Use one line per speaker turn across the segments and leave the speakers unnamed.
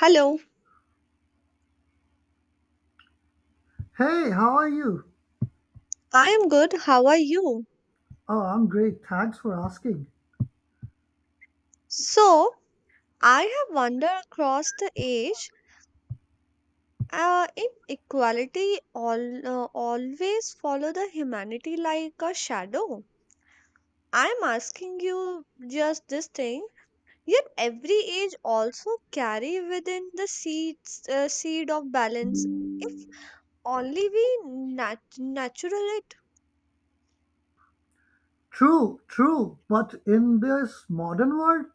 Hello,
Hey, how are you?
I am good. How are you?
Oh, I'm great. Thanks for asking.
So, I have wandered across the age. Inequality always follow the humanity like a shadow. I am asking you just this thing. Yet every age also carry within the seed of balance. If only we natural it.
True. But in this modern world,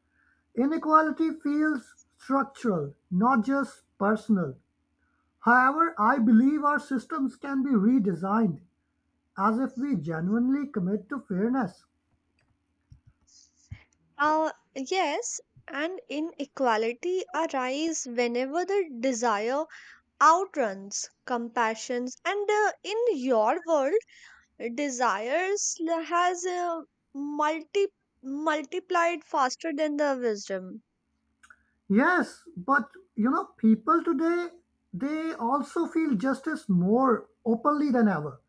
inequality feels structural, not just personal. However, I believe our systems can be redesigned as if we genuinely commit to fairness.
Uh, yes, and inequality arise whenever the desire outruns compassions and in your world desires has multi multiplied faster than the wisdom.
Yes, but people today, they also feel justice more openly than ever.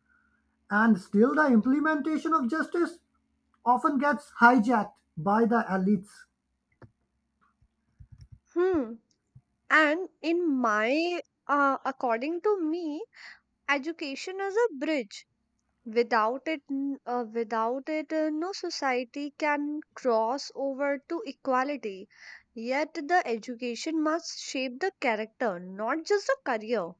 And still the implementation of justice often gets hijacked by the elites.
Hmm. And in my according to me, education is a bridge. Without it, without it, no society can cross over to equality. Yet the education must shape the character, not just the career.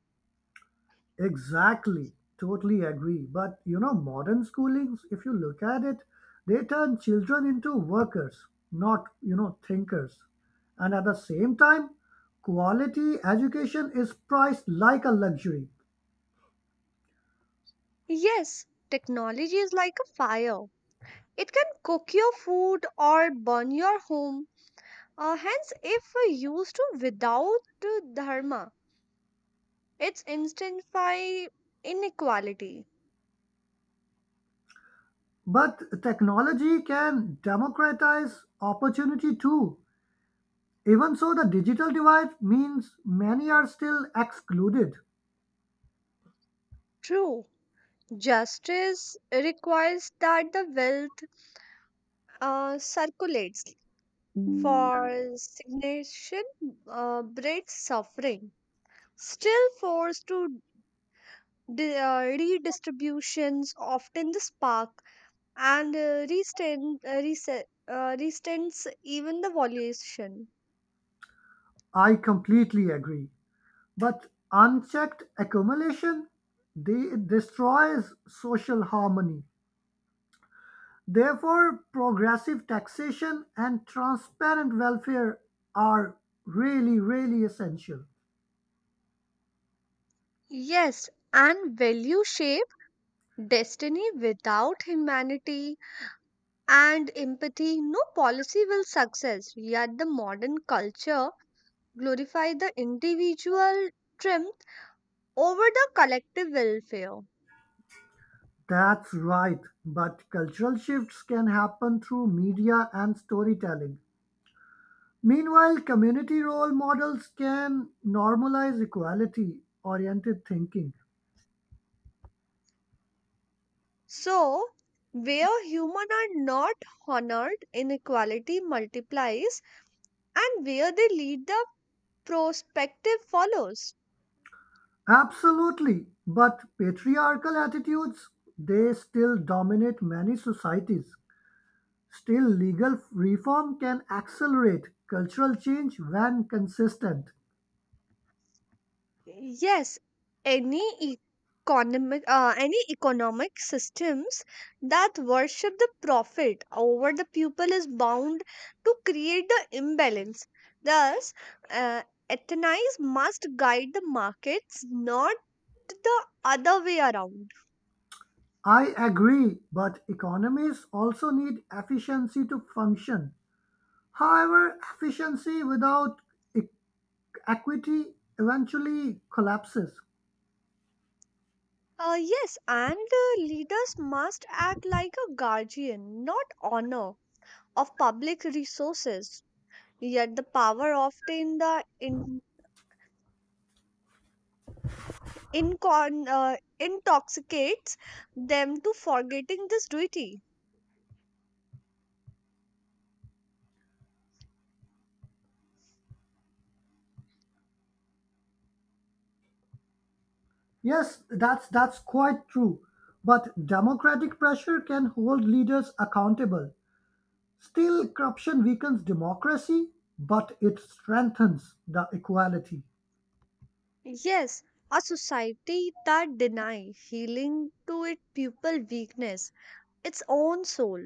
Exactly. Totally agree. But modern schoolings, if you look at it, they turn children into workers, not thinkers. And at the same time, quality education is priced like a luxury.
Yes, technology is like a fire. It can cook your food or burn your home. Hence, if we used to without dharma, it's intensify inequality.
But technology can democratize opportunity too. Even so, the digital divide means many are still excluded.
True, justice requires that the wealth circulates, for stagnation breeds suffering. Still, forced to redistributions often the spark, and restains even the valuation.
I completely agree. But unchecked accumulation, they destroys social harmony. Therefore, progressive taxation and transparent welfare are really, really essential.
Yes, and value shape destiny. Without humanity and empathy, no policy will success. Yet the modern culture glorify the individual strength over the collective welfare.
That's right. But cultural shifts can happen through media and storytelling. Meanwhile, community role models can normalize equality oriented thinking.
So, where human are not honored, inequality multiplies, and where they lead, the perspective follows.
Absolutely, but patriarchal attitudes they still dominate many societies. Still, legal reform can accelerate cultural change when consistent.
Yes, any e-, any economic systems that worship the profit over the people is bound to create the imbalance. Thus, uh, ethnies must guide the markets, not the other way around.
I agree, but economies also need efficiency to function. However, efficiency without e- equity eventually collapses.
Yes, and the leaders must act like a guardian, not owner of public resources. Yet the power often intoxicates them to forgetting this duty.
Yes, that's quite true. But democratic pressure can hold leaders accountable. Still, corruption weakens democracy, but it strengthens the equality.
Yes, a society that deny healing to its pupil weakness, its own soul.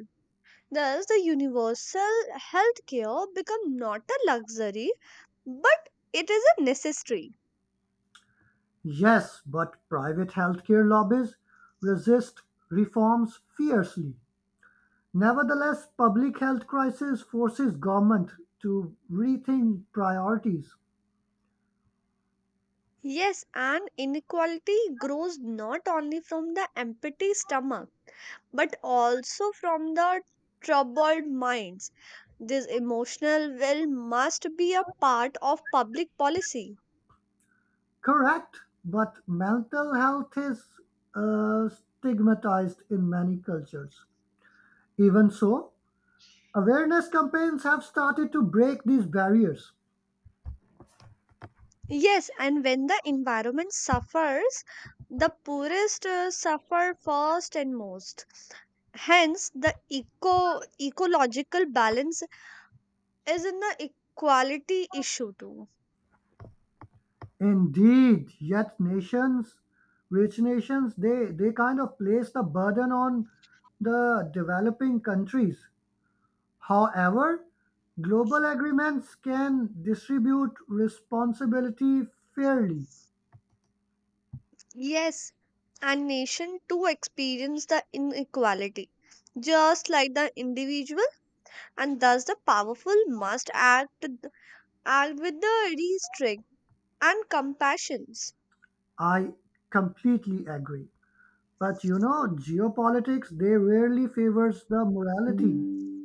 Thus, the universal health care become not a luxury, but it is a necessity.
Yes, but private healthcare lobbies resist reforms fiercely. Nevertheless, public health crisis forces government to rethink priorities.
Yes, and inequality grows not only from the empty stomach but also from the troubled minds. This emotional will must be a part of public policy.
Correct, but mental health is stigmatized in many cultures. Even so, awareness campaigns have started to break these barriers.
Yes, and when the environment suffers, the poorest suffer first and most. Hence, the ecological balance is in the equality issue too.
Indeed, yet nations, rich nations, they kind of place the burden on the developing countries. However, global agreements can distribute responsibility fairly.
Yes, and nation too experience the inequality, just like the individual, and thus the powerful must act with the restraint and compassions.
I completely agree. But geopolitics, they rarely favors the morality.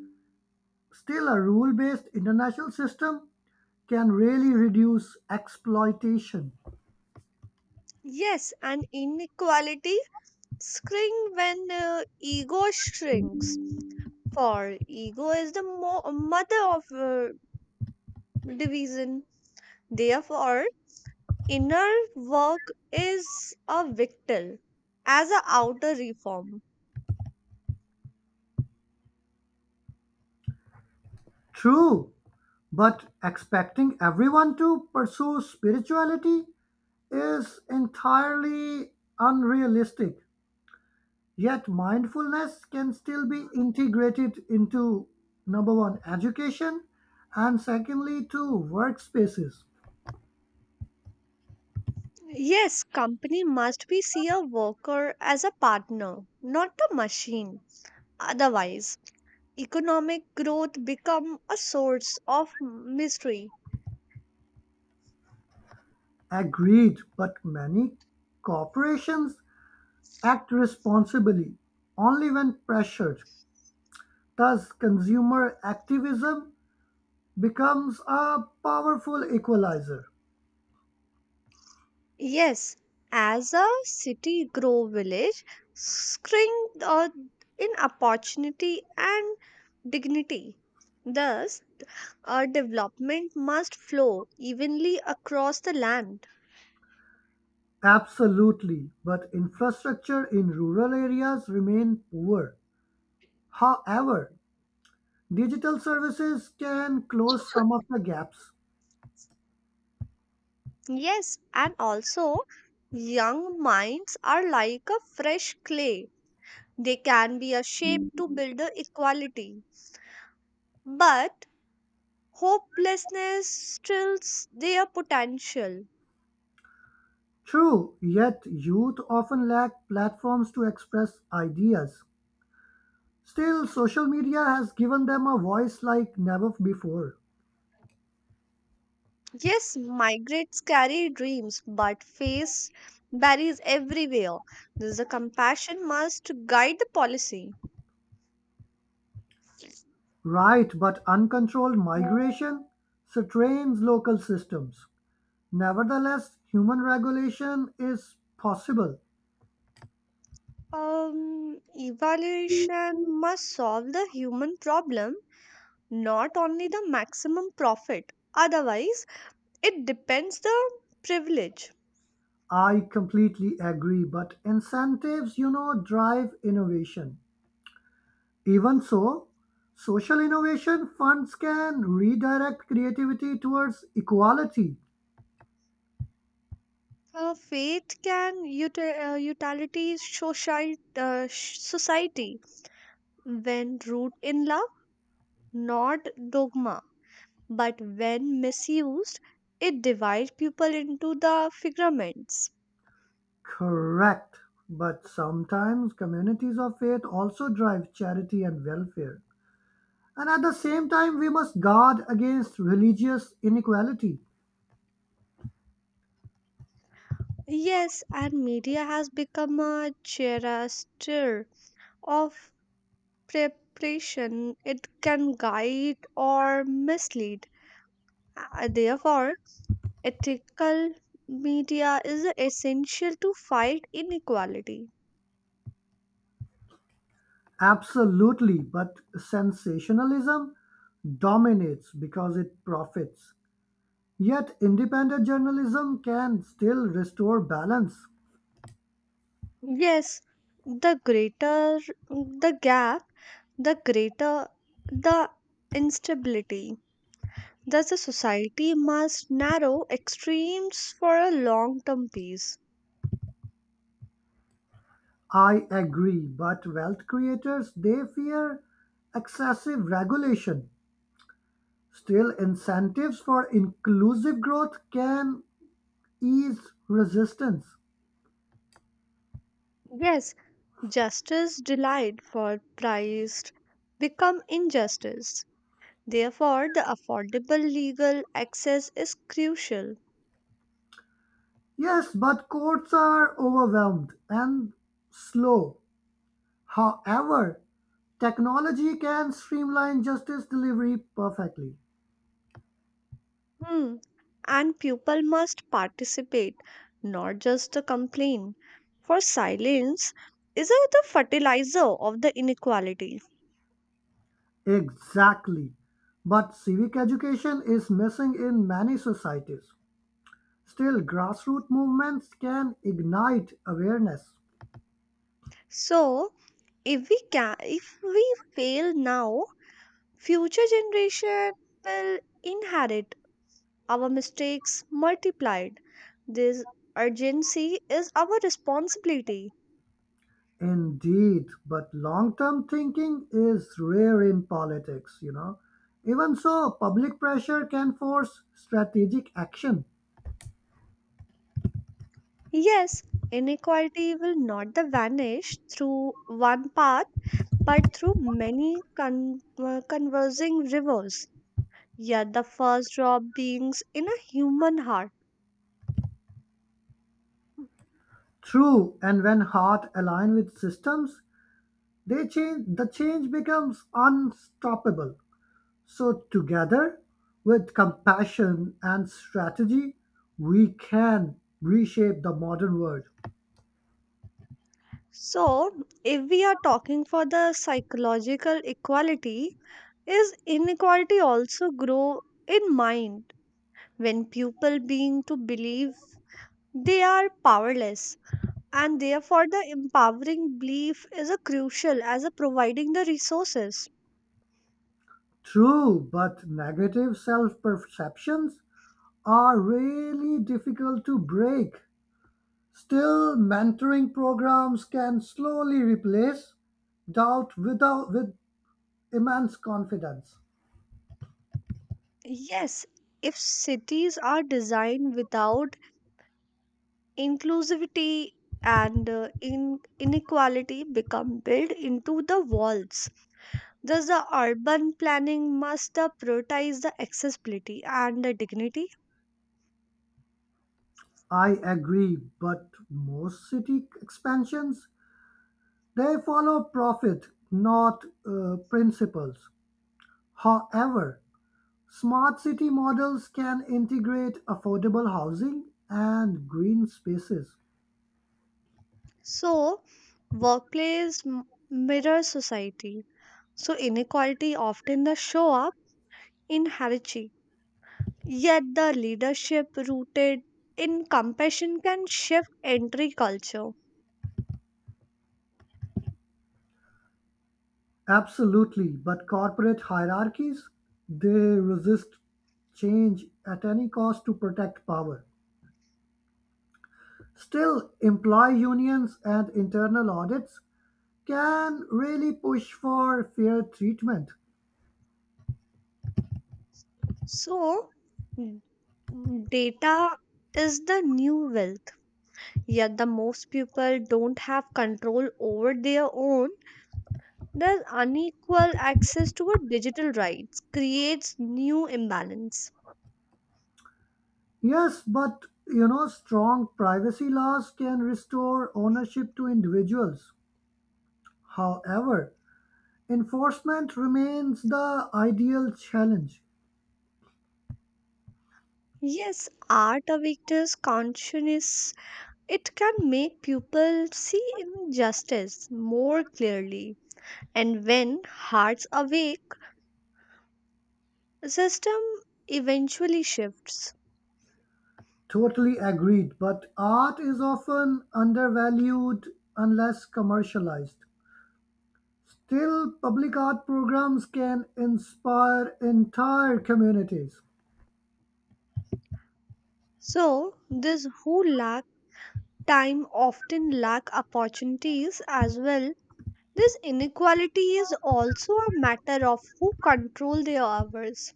Still, a rule-based international system can really reduce exploitation.
Yes, and inequality shrink when ego shrinks, for ego is the mother of division. Therefore, inner work is a victor as a outer reform.
True. But expecting everyone to pursue spirituality is entirely unrealistic. Yet, mindfulness can still be integrated into number one, education, and secondly, to workspaces.
Yes, company must be see a worker as a partner, not a machine. Otherwise, economic growth become a source of misery.
Agreed, but many corporations act responsibly only when pressured. Thus, consumer activism becomes a powerful equalizer.
Yes, as a city grow village, shrink in opportunity and dignity. Thus, a development must flow evenly across the land.
Absolutely, but infrastructure in rural areas remain poor. However, digital services can close some of the gaps.
Yes, and also young minds are like a fresh clay. They can be a shape to build the equality. But hopelessness stills their potential.
True, yet youth often lack platforms to express ideas. Still, social media has given them a voice like never before.
Yes, migrants carry dreams, but face barriers everywhere. This the compassion must guide the policy.
Right, but uncontrolled migration strains local systems. Nevertheless, human regulation is possible.
Evaluation must solve the human problem, not only the maximum profit. Otherwise, it depends the privilege.
I completely agree, but incentives, drive innovation. Even so, social innovation funds can redirect creativity towards equality.
Faith can utility society when rooted in love, not dogma. But when misused, it divides people into the figments.
Correct. But sometimes communities of faith also drive charity and welfare. And at the same time, we must guard against religious inequality.
Yes, and media has become a charioteer of preparation. It can guide or mislead. Therefore, ethical media is essential to fight inequality.
Absolutely. But sensationalism dominates because it profits. Yet independent journalism can still restore balance.
Yes, the greater the gap, the greater the instability. Thus, a society must narrow extremes for a long term peace.
I agree, but wealth creators they fear excessive regulation. Still incentives for inclusive growth can ease resistance.
Yes, justice denied for price become injustice. Therefore, the affordable legal access is crucial.
Yes, but courts are overwhelmed and slow. However, technology can streamline justice delivery perfectly.
Hmm. And people must participate, not just to complain. For silence is the fertilizer of the inequality.
Exactly. But civic education is missing in many societies. Still, grassroots movements can ignite awareness.
So if we fail now, future generation will inherit our mistakes multiplied. This urgency is our responsibility.
Indeed, but long term thinking is rare in politics. Even so, public pressure can force strategic action.
Yes, inequality will not the vanish through one pass, but through many conversing rivers, yet the first drop beings in a human heart.
True, and when heart align with systems, they change the change becomes unstoppable. So, together with compassion and strategy, we can reshape the modern world.
So, if we are talking for the psychological equality, is inequality also grow in mind when people being to believe they are powerless, and therefore the empowering belief is a crucial as a providing the resources.
True, but negative self perceptions are really difficult to break. Still, mentoring programs can slowly replace doubt without, with immense confidence.
Yes, if cities are designed without inclusivity and inequality become built into the walls. Thus, the urban planning must prioritize the accessibility and the dignity.
I agree, but most city expansions they follow profit, not principles. However, smart city models can integrate affordable housing and green spaces.
So, workplace mirrors society. So, inequality often the show up in hierarchy. Yet, the leadership rooted in compassion can shift entry culture.
Absolutely, but corporate hierarchies, they resist change at any cost to protect power. Still, employee unions and internal audits can really push for fair treatment.
So, n- data is the new wealth. Yet the most people don't have control over their own. Their unequal access to a digital rights creates new imbalance.
Yes, but strong privacy laws can restore ownership to individuals. However, enforcement remains the ideal challenge.
Yes, art awakens consciousness. It can make people see injustice more clearly. And when hearts awake, system eventually shifts.
Totally agreed, but art is often undervalued unless commercialized. Still, public art programs can inspire entire communities.
So this who lack time often lack opportunities as well. This inequality is also a matter of who control their hours.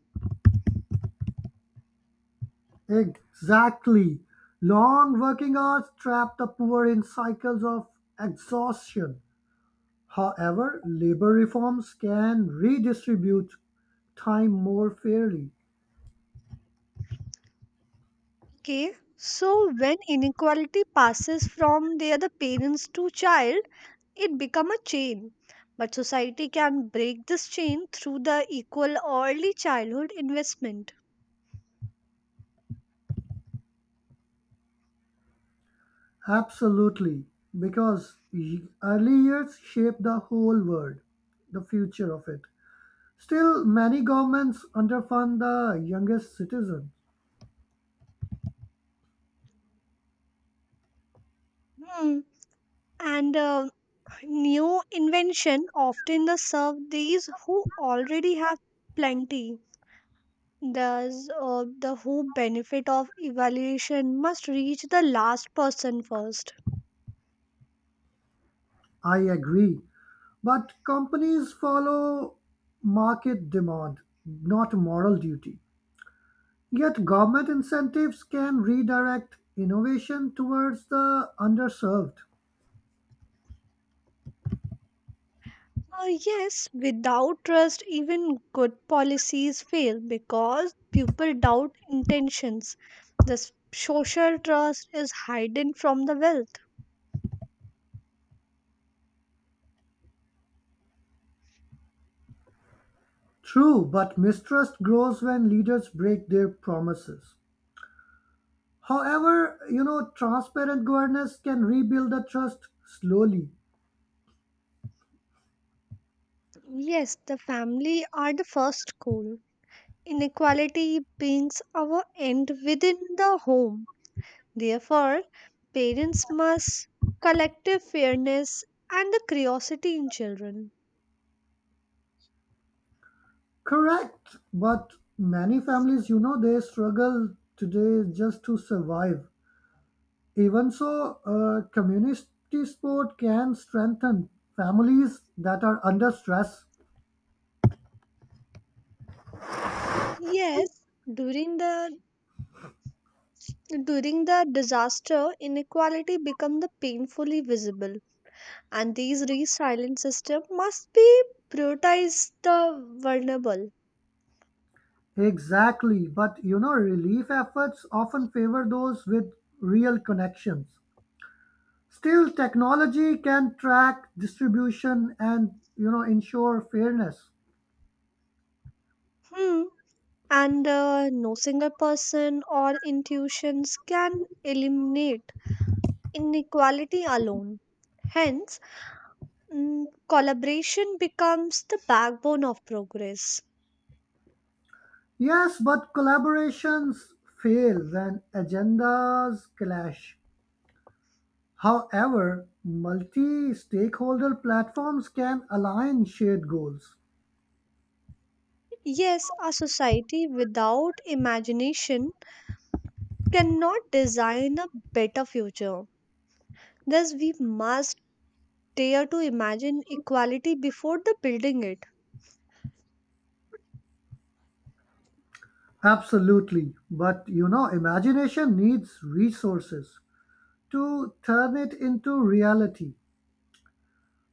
Exactly. Long working hours trap the poor in cycles of exhaustion. However, labor reforms can redistribute time more fairly.
Okay, so when inequality passes from the other parents to child, it become a chain. But society can break this chain through the equal early childhood investment.
Absolutely, because early years shape the whole world, the future of it. Still, many governments underfund the youngest citizen.
Hmm. And new invention often the serve these who already have plenty. Thus, the whole benefit of evaluation must reach the last person first.
I agree, but companies follow market demand, not moral duty. Yet, government incentives can redirect innovation towards the underserved.
Yes, without trust, even good policies fail because people doubt intentions. The social trust is hidden from the wealth.
True, but mistrust grows when leaders break their promises. However, transparent governance can rebuild the trust slowly.
Yes, the family are the first school. Inequality begins our end within the home. Therefore, parents must collective fairness and the curiosity in children.
Correct, but many families, they struggle today just to survive. Even so, community support can strengthen families that are under stress.
Yes, during the during the disaster, inequality become the painfully visible, and these resilient system must be prioritize the vulnerable.
Exactly, but relief efforts often favor those with real connections. Still, technology can track distribution and ensure fairness.
Hmm. And no single person or institutions can eliminate inequality alone. Hence, collaboration becomes the backbone of progress.
Yes, but collaborations fail when agendas clash. However, multi stakeholder platforms can align shared goals.
Yes, a society without imagination cannot design a better future. Thus, we must dare to imagine equality before the building it.
Absolutely. But imagination needs resources to turn it into reality.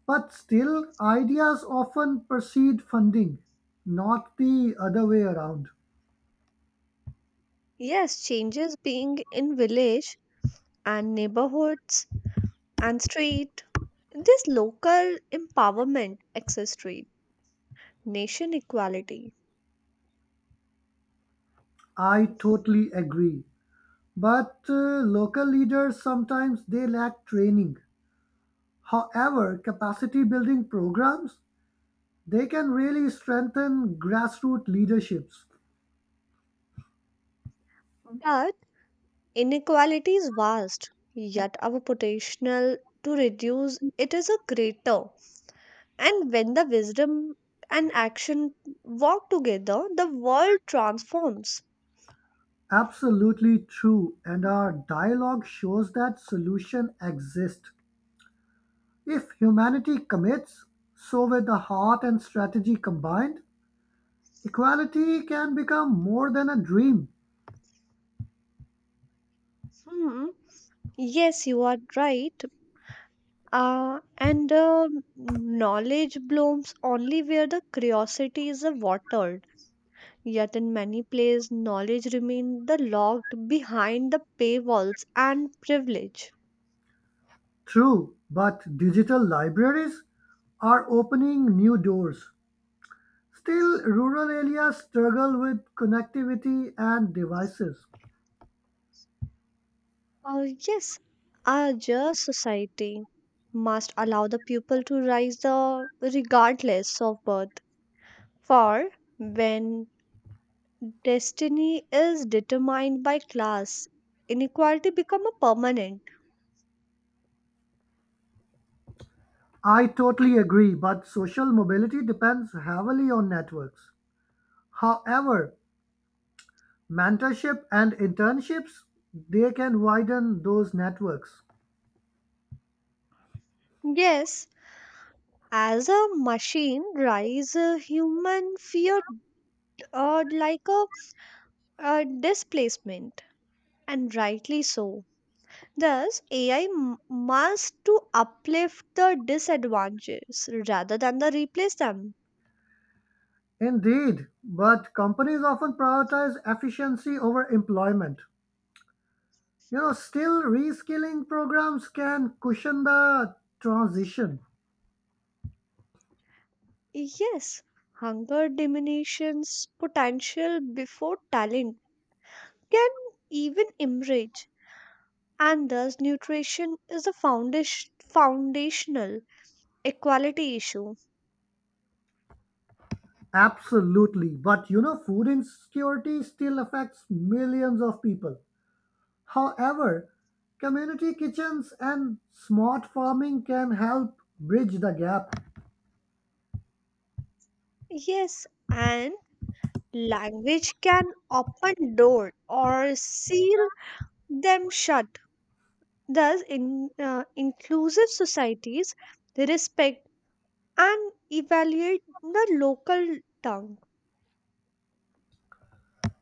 But still, ideas often precede funding, not the other way around.
Yes, changes being in village and neighborhoods and street. This local empowerment accessory, nation equality.
I totally agree. But local leaders sometimes they lack training. However, capacity building programs, they can really strengthen grassroots leaderships.
But inequality is vast, yet our potential to reduce it is a greater. And when the wisdom and action work together, the world transforms.
Absolutely true, and our dialogue shows that solution exists. If humanity commits, so with the heart and strategy combined, equality can become more than a dream.
Hmm. Yes, you are right. And knowledge blooms only where the curiosity is watered. Yet in many places, knowledge remains the locked behind the paywalls and privilege.
True, but digital libraries are opening new doors. Still, rural areas struggle with connectivity and devices.
Yes, our just society must allow the people to rise the regardless of birth. For when destiny is determined by class, inequality become a permanent.
I totally agree, but social mobility depends heavily on networks. However, mentorship and internships they can widen those networks.
Yes, as a machine rise a human fear like a displacement and rightly so. Thus, AI must to uplift the disadvantages rather than the replace them.
Indeed, but companies often prioritize efficiency over employment. Still reskilling programs can cushion the transition.
Yes, hunger diminishes potential before talent can even emerge, and thus nutrition is foundational equality issue.
Absolutely, but food insecurity still affects millions of people. However, community kitchens and smart farming can help bridge the gap.
Yes, and language can open door or seal them shut. Thus, in inclusive societies respect and evaluate the local tongue.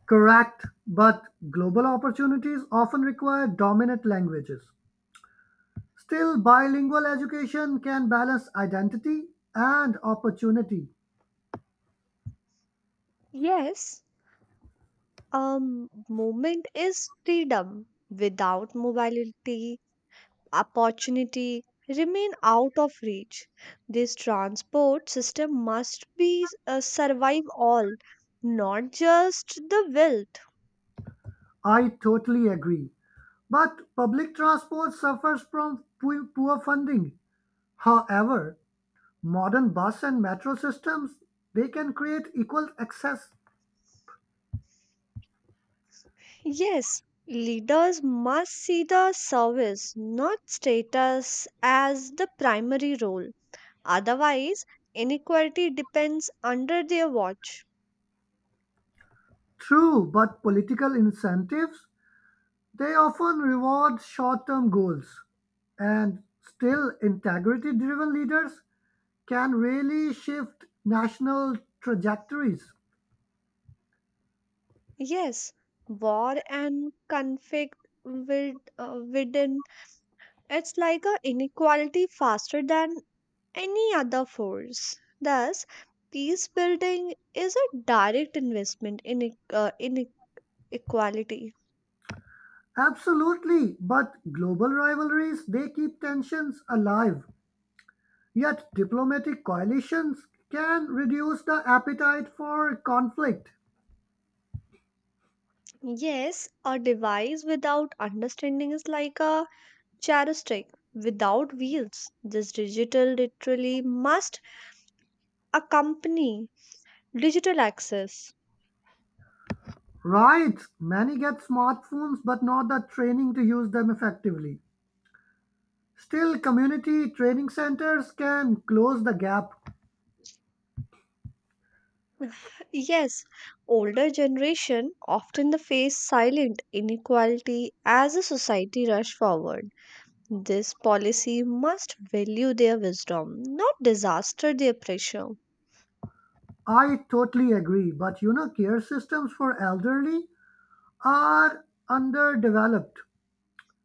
Correct, but global opportunities often require dominant languages. Still, bilingual education can balance identity and opportunity.
Yes, movement is freedom. Without mobility, opportunity remain out of reach. This transport system must be survive all, not just the wealth.
I totally agree. But public transport suffers from poor funding. However, modern bus and metro systems they can create equal access.
Yes, leaders must see the service, not status, as the primary role. Otherwise, inequality depends under their watch.
True, but political incentives, they often reward short-term goals. And still integrity-driven leaders can really shift national trajectories.
Yes, war and conflict with within it's like a inequality faster than any other force. Thus, peace building is a direct investment in inequality.
Absolutely, but global rivalries, they keep tensions alive. Yet diplomatic coalitions can reduce the appetite for conflict.
Yes, a device without understanding is like a chariots without wheels. This digital literally must accompany digital access.
Right, many get smartphones but not the training to use them effectively. Still, community training centers can close the gap.
Yes, older generation often the face silent inequality as a society rush forward. This policy must value their wisdom, not disaster their pressure.
I totally agree. But care systems for elderly are underdeveloped.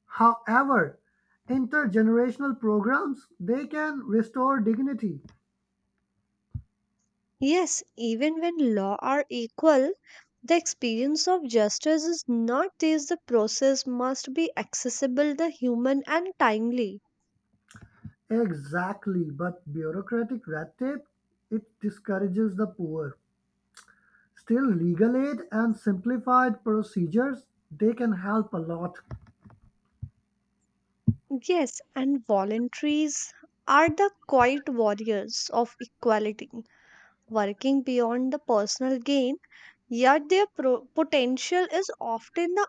However, intergenerational programs they can restore dignity.
Yes, even when law are equal, the experience of justice is not. This the process must be accessible the human and timely.
Exactly, but bureaucratic red tape it discourages the poor. Still, legal aid and simplified procedures they can help a lot.
Yes, and voluntaries are the quiet warriors of equality, working beyond the personal gain, yet their potential is often the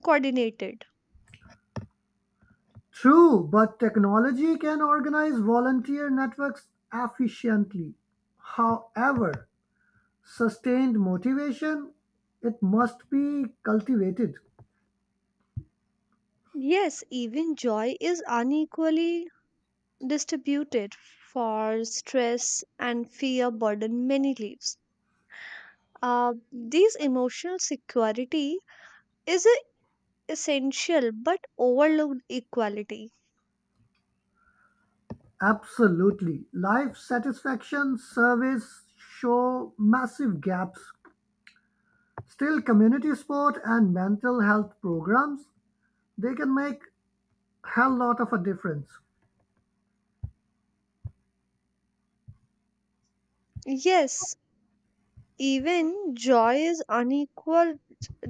uncoordinated.
True, but technology can organize volunteer networks efficiently. However, sustained motivation it must be cultivated.
Yes, even joy is unequally distributed, for stress and fear burden many lives. This emotional security is a essential but overlooked equality.
Absolutely. Life satisfaction surveys show massive gaps. Still community sport and mental health programs they can make hell lot of a difference.
Yes, even joy is unequal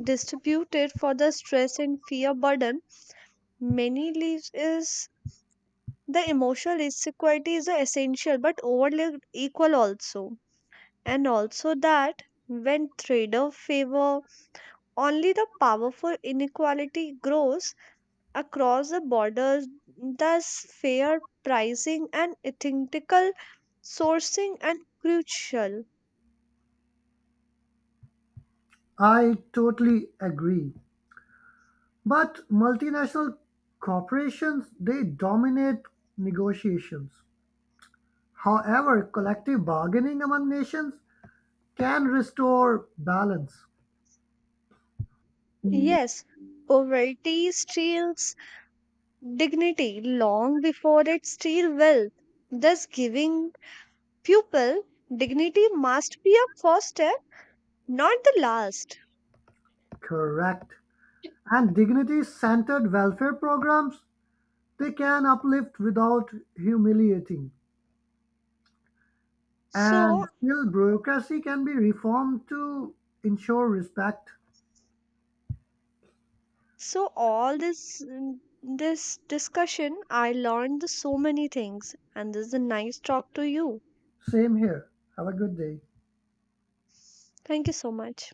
distributed for the stress and fear burden many lives is. The emotional insecurity is a essential but overlooked equal also. And also that when trader favor only the powerful inequality grows across the borders, thus fair pricing and ethical sourcing and crucial.
I totally agree. But multinational corporations, they dominate negotiations. However, collective bargaining among nations can restore balance.
Yes, poverty steals dignity long before it steals wealth, thus giving people dignity must be a first step, not the last.
Correct. And dignity-centered welfare programs, they can uplift without humiliating. And
so
still, bureaucracy can be reformed to ensure respect.
so all this, this discussion I learned the so many things, and this is a nice talk to you.
Same here. Have a good day.
Thank you so much.